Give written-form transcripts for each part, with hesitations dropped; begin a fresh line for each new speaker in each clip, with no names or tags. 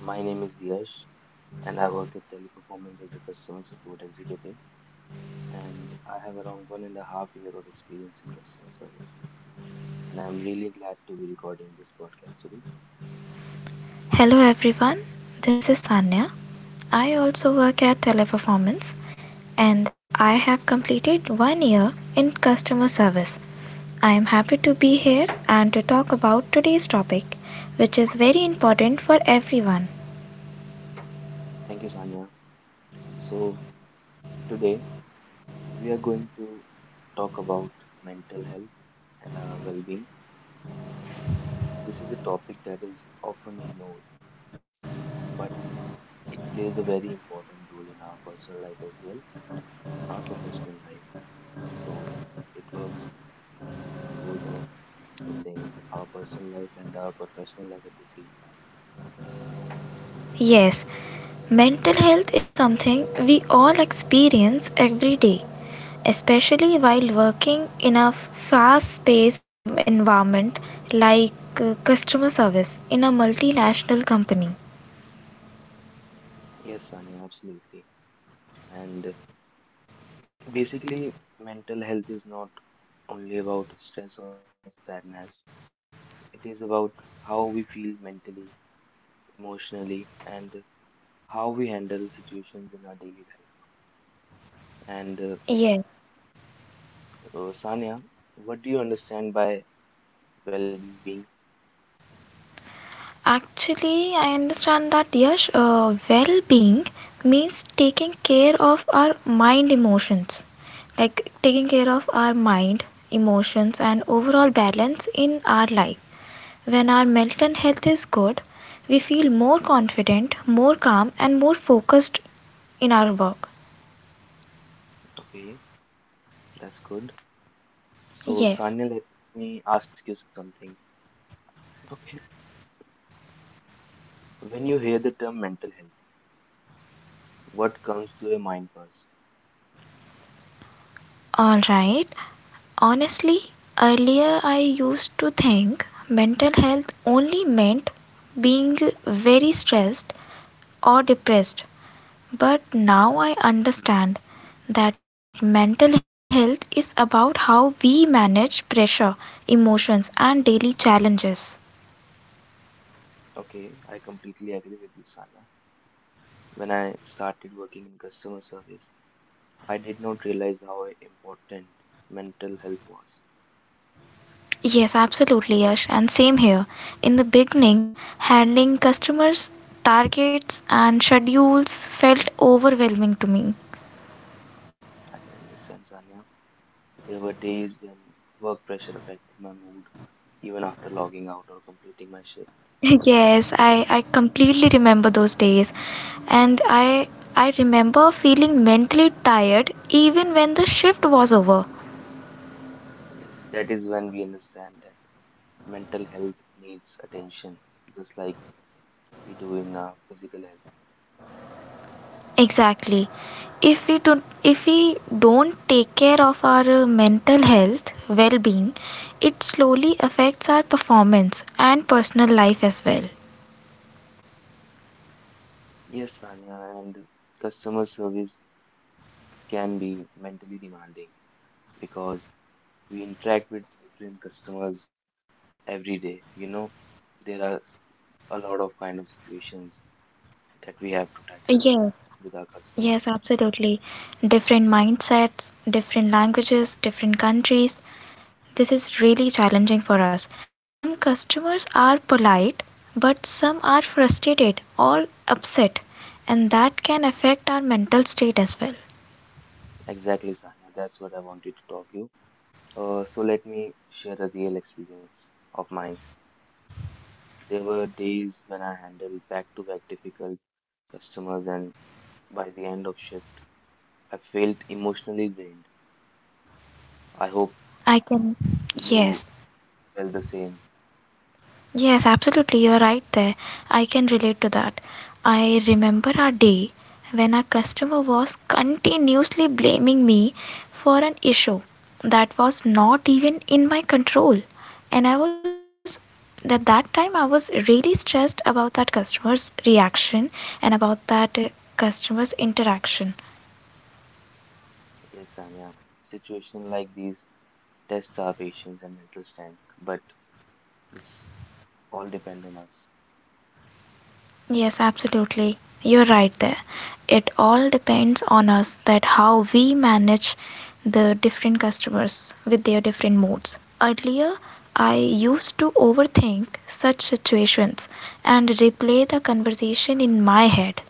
My name is Yash, and I work at Teleperformance as a customer support executive. And I have around 1.5 year of experience in customer service. And I'm really glad to be recording this podcast today.
Hello everyone, this is Sanya. I also work at Teleperformance and I have completed one year in customer service. I am happy to be here and to talk about today's topic, which is very important for everyone.
Thank you, Sanya. So today we are going to talk about mental health and our well-being. This is a topic that is often ignored, but it plays a very important role in our personal life as well, our professional life. So it works both of the things, our personal life and our professional life at the same time.
Yes, mental health is something we all experience every day, especially while working in a fast paced environment like customer service in a multinational company.
Yes, Sanya, absolutely. And basically, mental health is not only about stress or sadness, it is about how we feel mentally, emotionally, and how we handle situations in our daily life. And
Yes.
Sanya, what do you understand by well being?
Actually, I understand that Yash, well-being means taking care of our mind emotions, like taking care of our mind, emotions, and overall balance in our life. When our mental health is good, we feel more confident, more calm, and more focused in our work.
Okay, that's good. So,
Yes.
Sanya, let me ask you something. Okay, when you hear the term mental health, what comes to your mind first?
All right. Honestly, earlier I used to think mental health only meant being very stressed or depressed. But now I understand that mental health is about how we manage pressure, emotions, and daily challenges.
Okay, I completely agree with you, Sanya. When I started working in customer service, I did not realize how important mental health was.
Yes, absolutely, Yash, and same here. In the beginning, handling customers, targets, and schedules felt overwhelming to me.
I can understand, Sanya. There were days when work pressure affected my mood, even after logging out or completing my shift.
Yes,
So,
I completely remember those days, and I remember feeling mentally tired even when the shift was over.
yes, that is when we understand that mental health needs attention, just like we do in our physical health.
Exactly. If we don't if we don't take care of our mental health well-being, it slowly affects our performance and personal life as well.
Yes, Sanya, and customer service can be mentally demanding because we interact with different customers every day. You know, there are a lot of kind of situations that we have to tackle
Yes,
with our
yes,
customers.
absolutely. Different mindsets, different languages, different countries, this is really challenging for us. Some customers are polite but some are frustrated or upset, and that can affect our mental state as well.
Exactly, Sanya. That's what I wanted to talk to you. So let me share a real experience of mine. There were days when I handled back-to-back difficult customers, and by the end of shift, I felt emotionally drained. I hope
I can
you
Yes.
felt the same.
Yes, absolutely, you're right there. I can relate to that. I remember a day when a customer was continuously blaming me for an issue that was not even in my control. And at that time, I was really stressed about that customer's reaction and about that customer's interaction.
Yes, Sanya. Situation like these tests our patience and mental strength, but this all depend on us.
Yes, absolutely. You're right there. It all depends on us that how we manage the different customers with their different moods. Earlier, I used to overthink such situations and replay the conversation in my head.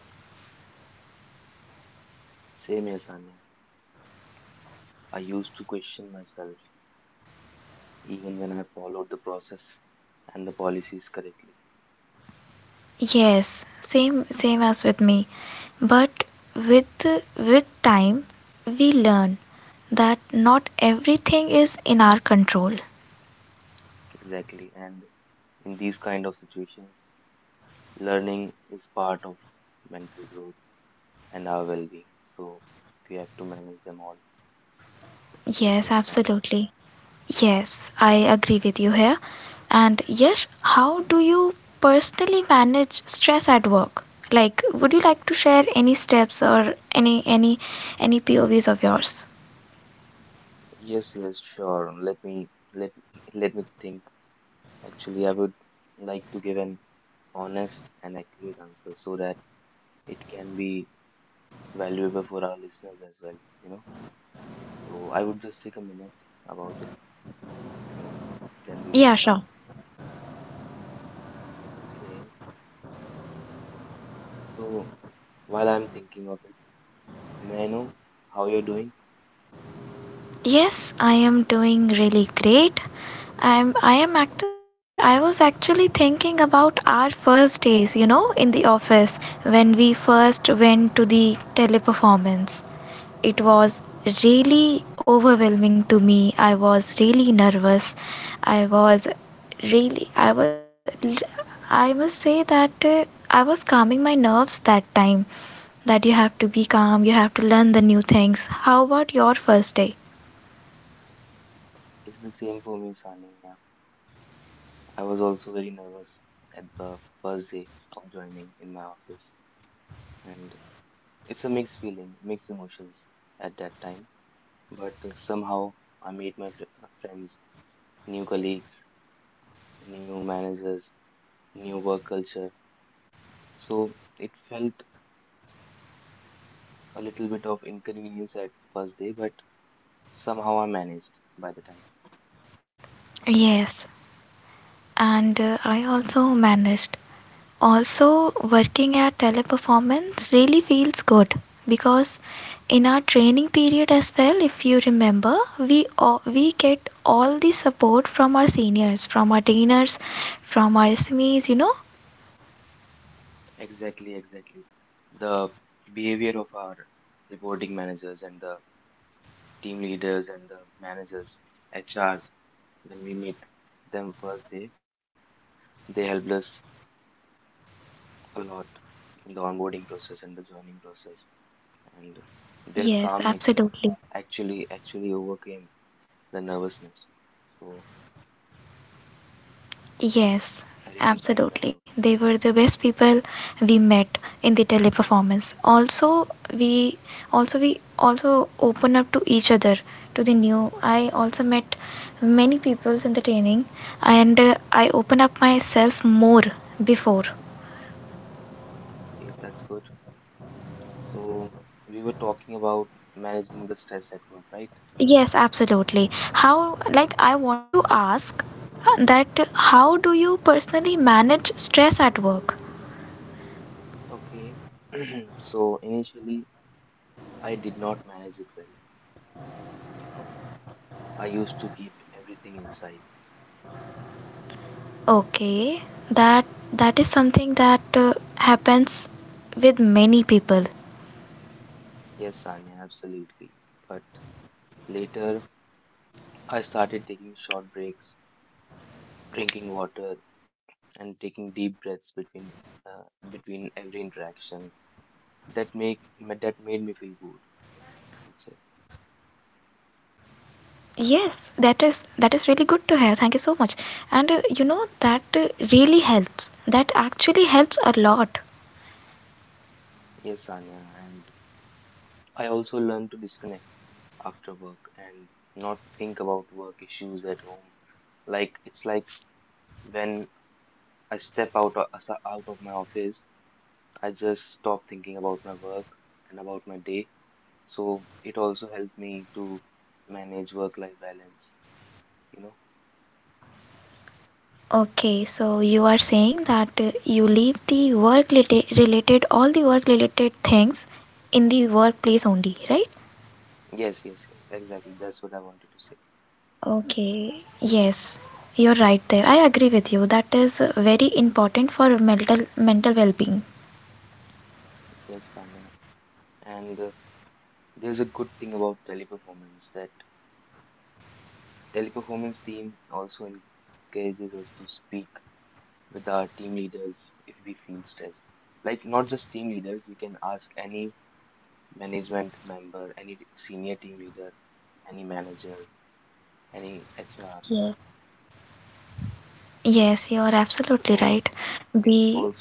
Same as Anya, I used to question myself even when I followed the process and the policies correctly.
Yes, same as with me. But with with time, we learn that not everything is in our control.
Exactly, and in these kind of situations, learning is part of mental growth and our well-being. So we have to manage them all at the
Yes,
same time.
absolutely. Yes, I agree with you here. And Yash, how do you personally manage stress at work? Like, would you like to share any steps or any POVs of yours?
Yes, yes, sure. Let me think. Actually, I would like to give an honest and accurate answer so that it can be valuable for our listeners as well, you know. So I would just take a minute about it and then we will
Yeah,
start.
sure.
Okay. So while I'm thinking of it, may I know how you're doing?
Yes, I am doing really great. I was actually thinking about our first days, in the office when we first went to the Teleperformance. It was really overwhelming to me. I was really nervous. I was really I was I must say that I was calming my nerves that time, that you have to be calm, you have to learn the new things. How about your first day?
It's the same for me, Sanya. I was also very nervous at the first day of joining in my office, and it's a mixed feeling, mixed emotions at that time. But somehow I made my friends, new colleagues, new managers, new work culture. So it felt a little bit of inconvenience at the first day, but somehow I managed by the time.
Yes, and I also managed. Also, working at Teleperformance really feels good because in our training period as well, if you remember, we get all the support from our seniors, from our trainers, from our SMEs .
Exactly, exactly. The behavior of our reporting managers and the team leaders and the managers, HRs, when we meet them first day, they helped us a lot in the onboarding process and the joining process. And their
Yes,
calm nature
absolutely.
actually overcame the nervousness. So I really thank them a lot.
Yes, absolutely. They were the best people we met in the Teleperformance. Also, we also open up to each other to the new. I also met many peoples in the training, and I open up myself more before.
Okay, that's good. So we were talking about managing the stress at work, right?
Yes, absolutely. How, like, I want to ask that how do you personally manage stress at work?
Okay. So initially, I did not manage it well. You know, I used to keep everything inside.
Okay, that that is something that happens with many people.
Yes, Sanya, absolutely. But later, I started taking short breaks, drinking water, and taking deep breaths between every interaction. That make that made me feel good, I would say.
Yes, that is really good to hear. Thank you so much. And you know that really helps. That actually helps a lot.
Yes, Sanya, and I also learned to disconnect after work and not think about work issues at home. Like it's like when I step out out of my office, I just stop thinking about my work and about my day. So it also helped me to manage work-life balance. You know?
Okay, so you are saying that you leave the work related all the work related things in the workplace only, right?
Yes, yes, yes. Exactly. That's what I wanted to say.
Okay, yes, you're right there. I agree with you. That is very important for mental mental well-being.
Yes, Tanya. And there's a good thing about teleperformance that teleperformance team also encourages us to speak with our team leaders if we feel stressed. Like, not just team leaders, we can ask any management member, any senior team leader, any manager, any HR.
Yes. Yes, you are
So,
absolutely right.
it's also a good
We
thing.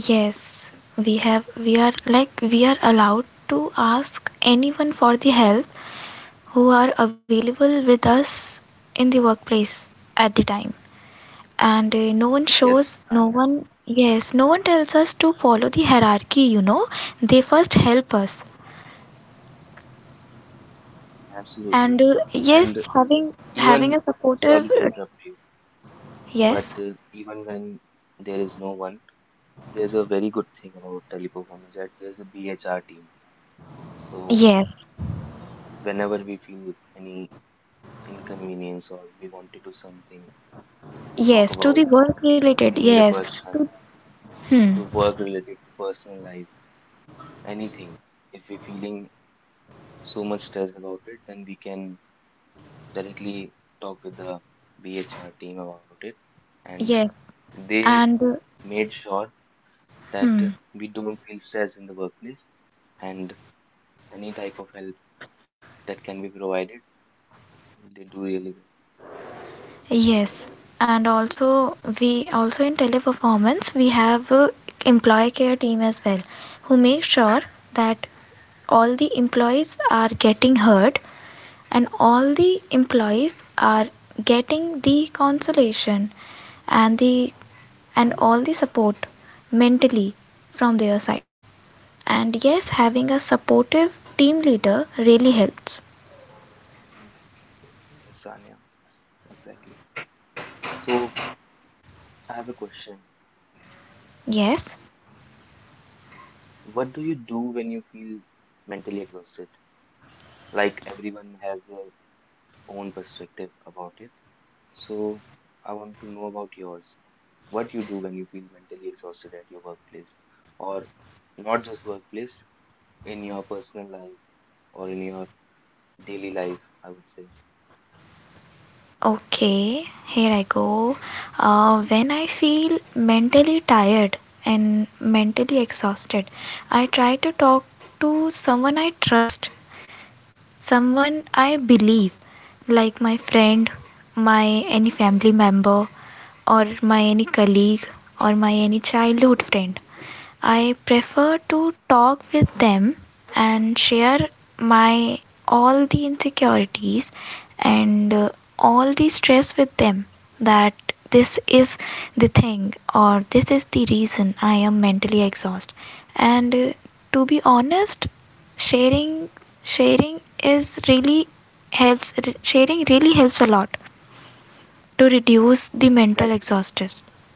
Yes, we have we are, like, we are allowed to ask anyone for the help who are available with us in the workplace at the time. And no one
Yes,
shows,
Tanya,
no one, yes, no one tells us to follow the hierarchy. They first help us.
Tanya,
And
absolutely. And
yes, having
even,
a supportive
sorry to interrupt you, but
yes.
uh, even when there is no one, there's a very good thing about teleperformance that there's a BHR team. So,
Yes,
whenever we feel any inconvenience or we want to do something, talk
yes to
about,
the work related,
we need a
yes to
person
hmm,
to work related to personal life, anything. If we're feeling so much stress about it, then we can directly talk with the BHR team about it. And
yes,
they
and
made sure that
hmm,
we don't feel stress in the workplace and any type of help that can be provided, they do really
yes, and also, we also in Teleperformance we have employee care team as well who make sure that all the employees are getting heard and all the employees are getting the consolation and the and all the support mentally from their side. And yes, having a supportive team leader really helps.
well. Yes, Sanya, yes, exactly. So I have a question.
Yes,
What do you do when you feel mentally exhausted? Like everyone has their own perspective about it. So I want to know about yours. What you do when you feel mentally exhausted at your workplace, or not just workplace, in your personal life or in your daily life, I would say.
okay, here I go. When I feel mentally tired and mentally exhausted, I try to talk to someone I trust, someone I believe, like my friend, my any family member, or my any colleague, or my any childhood friend. I prefer to talk with them and share my all the insecurities and all the stress with them, that this is the thing or this is the reason I am mentally exhausted. And to be honest, sharing sharing is really helps. Sharing really helps a lot to reduce the mental
Exactly.
exhaustion.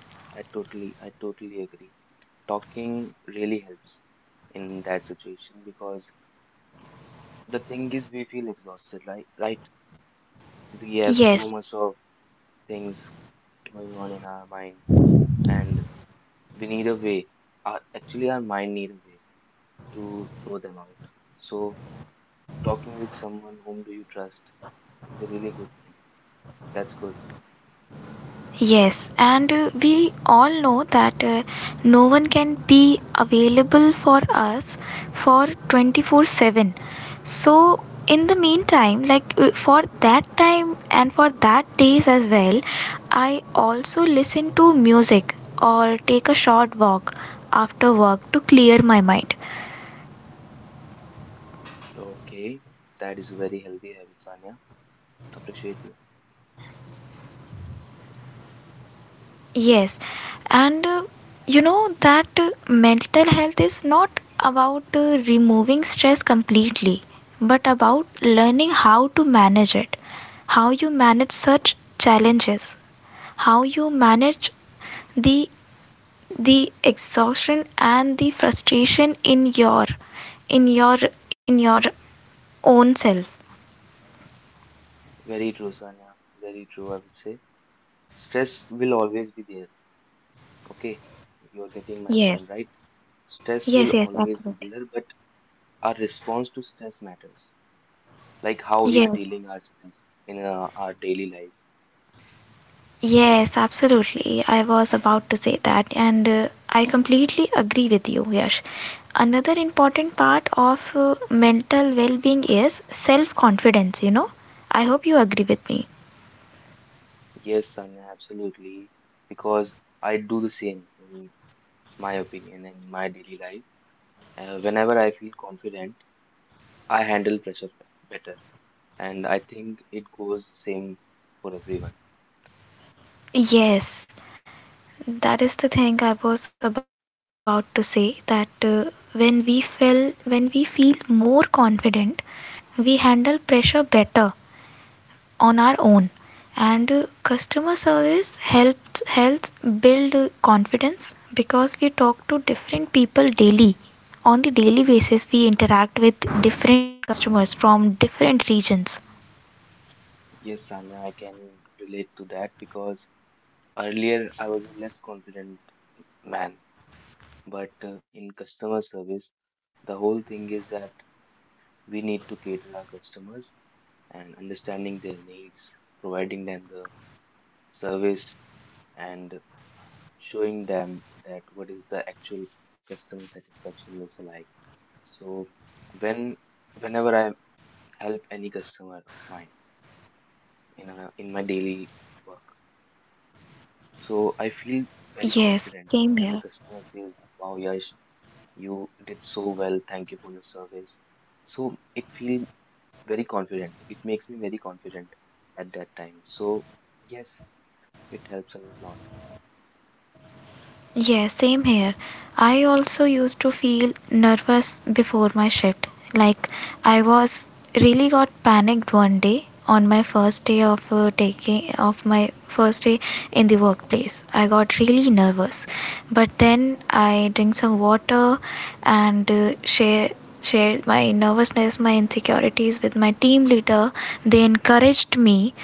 I totally agree. Talking really helps in that situation because the thing is we feel exhausted, right? Right? We have so
Yes.
much of things going on in our mind, and we need a way. Our mind need a way to throw them out. So, talking with someone whom do you trust is a really good thing. That's good.
Yes, and we all know that no one can be available for us for 24/7. So, in the meantime, like for that time and for that days as well, I also listen to music or take a short walk after work to clear my mind.
Okay, that is very healthy habit, Sanya. Appreciate you.
Yes, and you know that mental health is not about removing stress completely, but about learning how to manage it, how you manage such challenges, how you manage the exhaustion and the frustration in your in your in your own self.
Very true, Sanya. Very true, I would say. Stress will always be there. Okay, you are getting my
Yes,
point, right? Stress
yes,
will
yes,
always be
absolutely.
there, but our response to stress matters. Like how we are
Yes.
dealing our stress in our daily life.
Yes, absolutely. I was about to say that, and I completely agree with you, Yash. Another important part of mental well being is self confidence. I hope you agree with me.
Yes, Sanya, absolutely. Because I do the same, in my opinion, in my daily life. Whenever I feel confident, I handle pressure better. And I think it goes same for everyone.
Yes, that is the thing I was about to say that when we feel more confident, we handle pressure better on our own. And customer service helps build confidence because we talk to different people daily. On the daily basis, we interact with different customers from different regions.
Yes, Sanya, I can relate to that because earlier I was a less confident man. But in customer service, the whole thing is that we need to cater our customers and understanding their needs, providing them the service and showing them that what is the actual customer satisfaction looks like. So when whenever I help any customer of mine in my daily work, so I feel very confident when
Yes,
the
same
customer
here.
says, "Wow, Yash, you did so well. Thank you for your service." So it feels very confident. It makes me very confident at that time. So yes, it helps a lot.
Yeah, same here. I also used to feel nervous before my shift. Like, I was really got panicked one day on my first day of taking of my first day in the workplace. I got really nervous, but then I drink some water and shared my nervousness, my insecurities with my team leader. They encouraged me,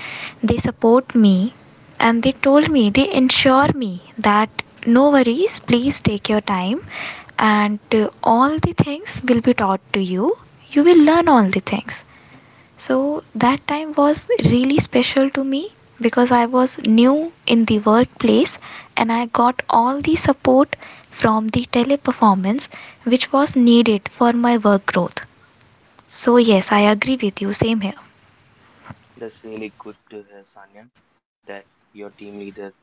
they support me, and they told me, they ensure me that no worries, please take your time, and all the things will be taught to you. You will learn all the things. So that time was really special to me because I was new in the workplace, and I got all the support from the Teleperformance, which was needed for my work growth. So yes, I agree with you, same here.
That's really good to hear, Sanya, that your team leader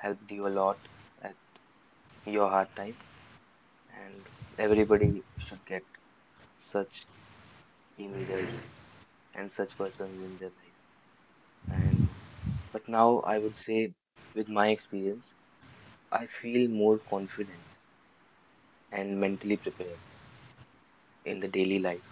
helped you a lot at your hard time, and everybody should get such team leaders and such persons in their life. And but now I would say, with my experience, I feel more confident and mentally prepared in the daily life.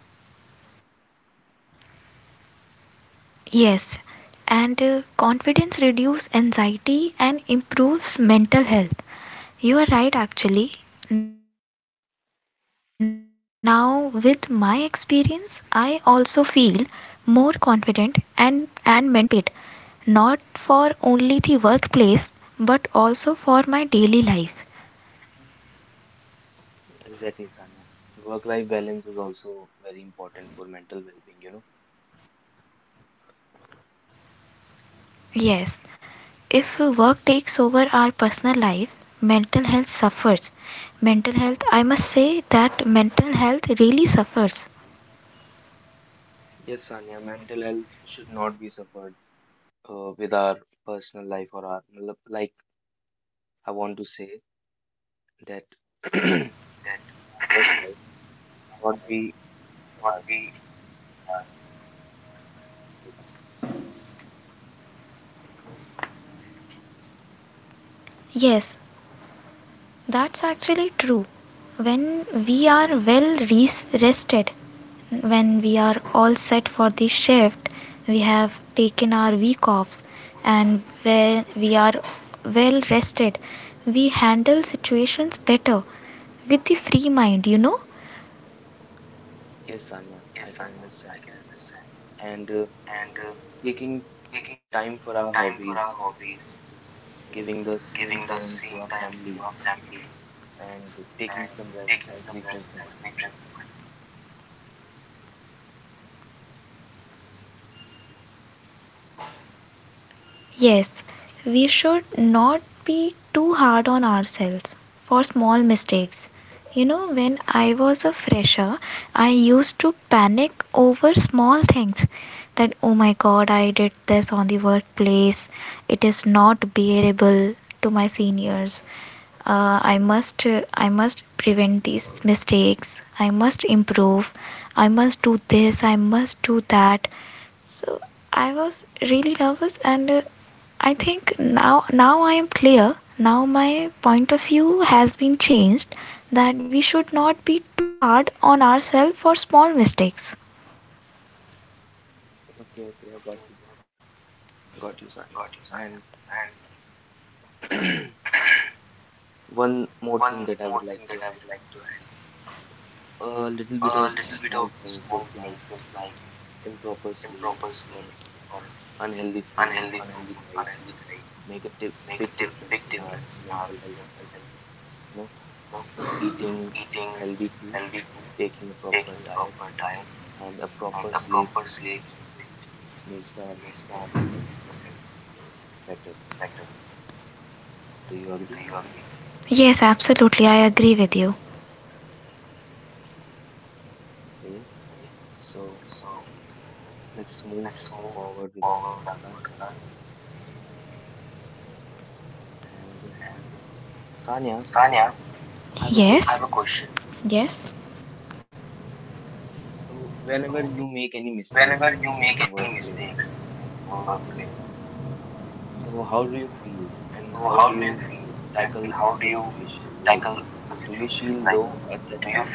Yes, and confidence reduces anxiety and improves mental health. You are right, actually. Now, with my experience, I also feel more confident and, mentally prepared, not for only the workplace but also for my daily life.
Exactly, Sanya. Work-life balance is also very important for mental well-being, you know.
Yes, if work takes over our personal life, mental health suffers. Mental health, I must say that mental health really suffers.
Yes, Sanya, mental health should not be suffered with our personal life or our, matlab, like I want to say that our life should not be harassed.
Yes, that's actually true. When we
Mhm.
are well rested, when we are all set for the shift, we have taken our week offs, and when we are well rested, we handle situations better with the free mind.
Yes, Sanya, I can understand. And taking time for our hobbies, giving the same time to our family, and taking some rest help refresh the mind.
Yes, we should not be too hard on ourselves for small mistakes. You know, when I was a fresher, I used to panic over small things that, oh my god, I did this on the workplace, it is not bearable to my seniors. I must prevent these mistakes. I must improve. I must do this. I must do that. So I was really nervous and I think now I am clear. Now my point of view has been changed that we should not be too hard on ourselves for small mistakes.
Okay, okay, I got you. Got you, Sanya. And one more thing that I would like to add a little bit of small things, just like improper sleep or unhealthy food, unhealthy diet, make a big difference in our mental health. You know, eating healthy food taking a proper diet, and a proper sleep, which makes our mental health better. Do you agree?
Yes, absolutely. I agree with you.
Okay, so let's move forward with our podcast. And Sanya, I have a
Yes.
question.
Yes.
So, whenever you make any mistakes at your workplace, so how do you feel and how do you tackle the situation? Like, do you feel low at that time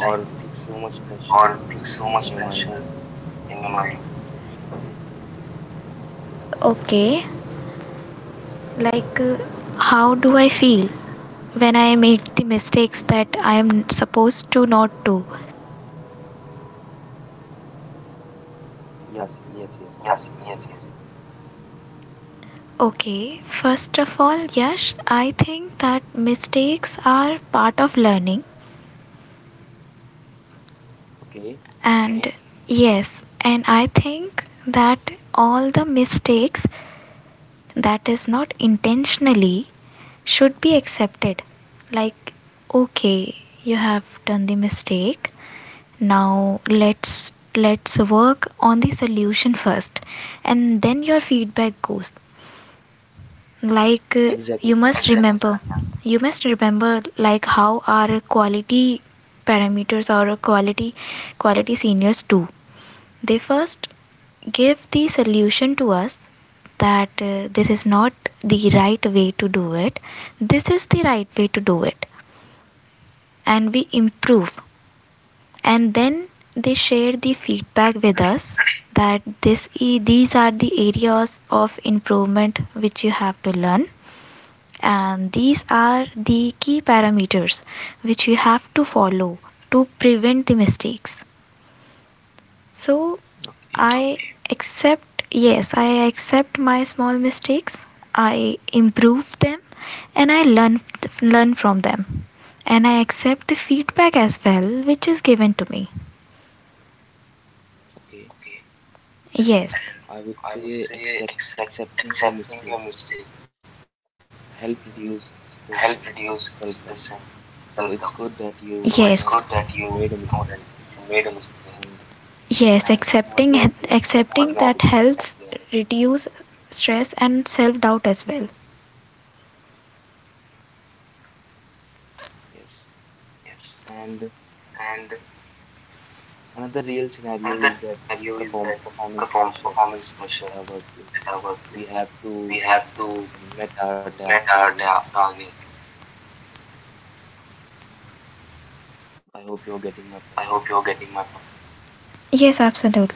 or take so much pressure in your mind?
Okay. Like how do I feel when I made the mistakes that I am supposed to not do?
Yes, yes, yes.
Okay. First of all, Yash, I think that mistakes are part of learning.
Okay,
And yes, and I think that all the mistakes that is not intentionally should be accepted. Like, okay, you have done the mistake. Now let's work on the solution first, and then your feedback goes, like
exactly,
you must
Sanya.
remember. Like, how our quality parameters or quality seniors do, they first give the solution to us that this is not the right way to do it, this is the right way to do it, and we improve. And then they share the feedback with us that these are the areas of improvement which you have to learn, and these are the key parameters which you have to follow to prevent the mistakes. So I accept, yes, I accept my small mistakes. I improve them and I learn from them. And I accept the feedback as well which is given to me.
Okay,
Yes.
and
So,
I would say accepting your mistake help reduce stress and self-doubt. So it's good that
yes.
you know that you made a mistake and
Yes,
it's not your fault
accepting
at
that
the end of the day.
helps reduce stress and self-doubt as well.
Yes. And another real scenario is that performance pressure at our workplace. We have to meet our ta targets. I hope you're getting my point.
Yes, absolutely.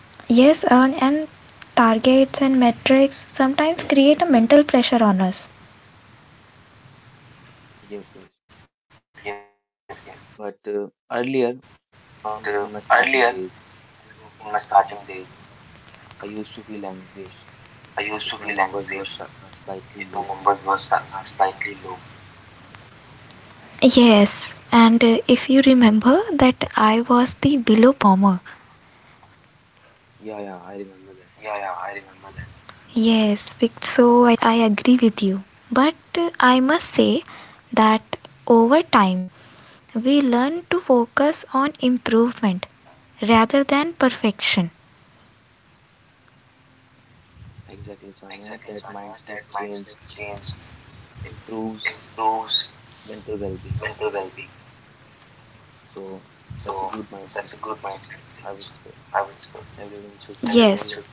Yes, and targets and metrics sometimes create a mental pressure on us.
Yes, yes. But earlier, in my starting days, I used to feel anxious if my numbers were slightly low.
Yes, and if you remember that I was the below performer.
Yeah, yeah, I remember that.
Yes, so I agree with you. But I must say that over time we learn to focus on improvement rather than perfection.
Exactly, Sanya. That mindset change improves mental well-being. So that's a good mindset change, I would say. Everyone should
Yes.
follow.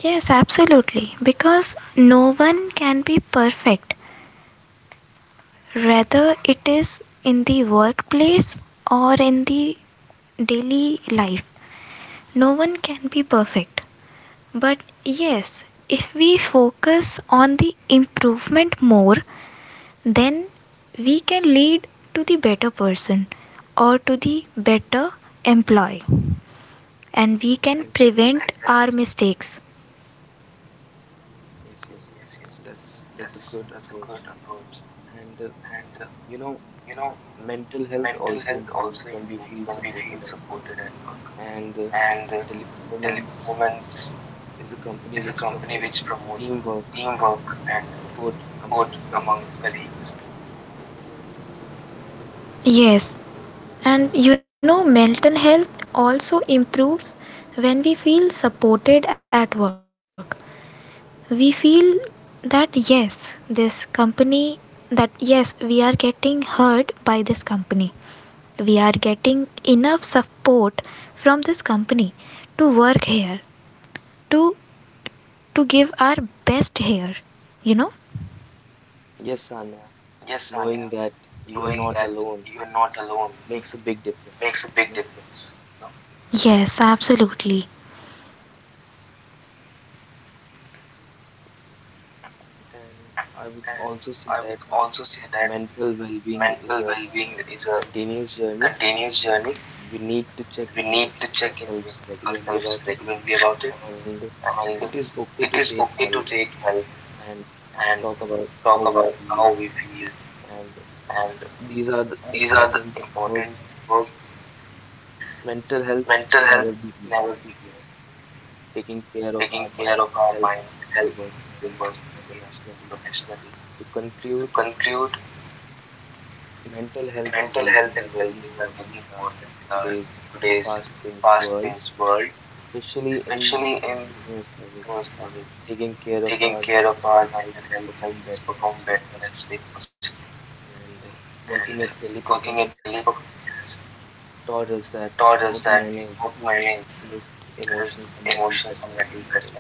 Yes, absolutely. Because no one can be perfect. Rather, it is in the workplace or in the daily life, no one can be perfect. But yes, if we focus on the improvement more, then we can lead to the better person or to the better employee, and we can
Exactly,
prevent
Sanya.
our mistakes.
Yes, yes. That's a good approach. And you know, mental health also improves when we feel supported at work. And Teleperformance is a company which promotes teamwork and support among colleagues.
Yes, and you know mental health also improves when we feel supported at work. We feel that yes, this company, that yes, we are getting heard by this company. We are getting enough support from this company to work here, to give our best here, you know
Yes, Sanya, knowing that you're not alone makes a big difference.
Yes, absolutely.
And I would also say that mental well-being is a continuous journey. We need to check in with ourselves regularly about it, and it is okay to take help and talk about how we feel. And these are the important because mental health should never be ignored. Taking care of our mind helps us grow personally and professionally. To conclude, mental health and well-being are very important in our today's fast-paced world, especially in customer service. Taking care of our mental health helps us perform better and stay positive. And working at Teleperformance has taught us that how to manage stress, emotions, and mental pressure at the same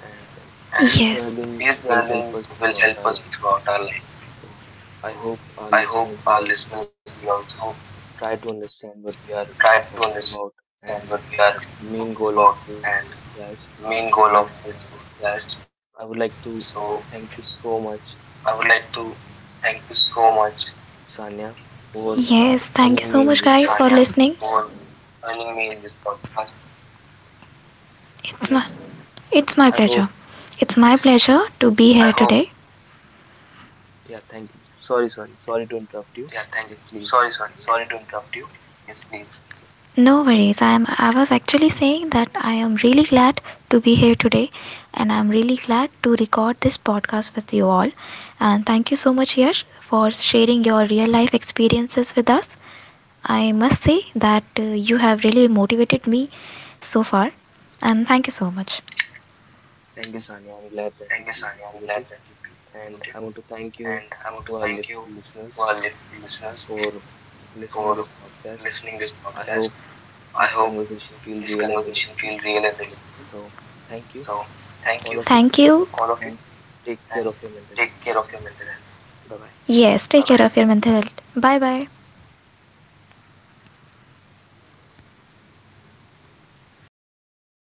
time. And these learning will help us
Yes,
throughout our life. So I hope our listeners will also try to understand what we are talking about and the main goal of this podcast. So I would like to thank you so much, Sanya, for
yes, thank you
joining
so
me in
much
this
guys for
podcast.
listening. it's
Yes,
my
Sanya.
it's
I
my
hope.
pleasure it's my pleasure to be here today.
Yeah, thank you. Sorry to interrupt you. Yes, please.
No worries. I was actually saying that I am really glad to be here today, and I'm really glad to record this podcast with you all. And thank you so much, Yash, for sharing your real life experiences with us. I must say that you have really motivated me so far, and thank you so
Thank
much.
you, Sanya. I'm glad that you feel motivated, and I want to thank you to our listeners for listening this podcast. I hope this conversation feel real and relatable. So thank you, all of you, and
Thank
take care
you.
of your mental health. Bye bye.
Yes, bye, take care. Bye-bye of your mental health. Bye bye.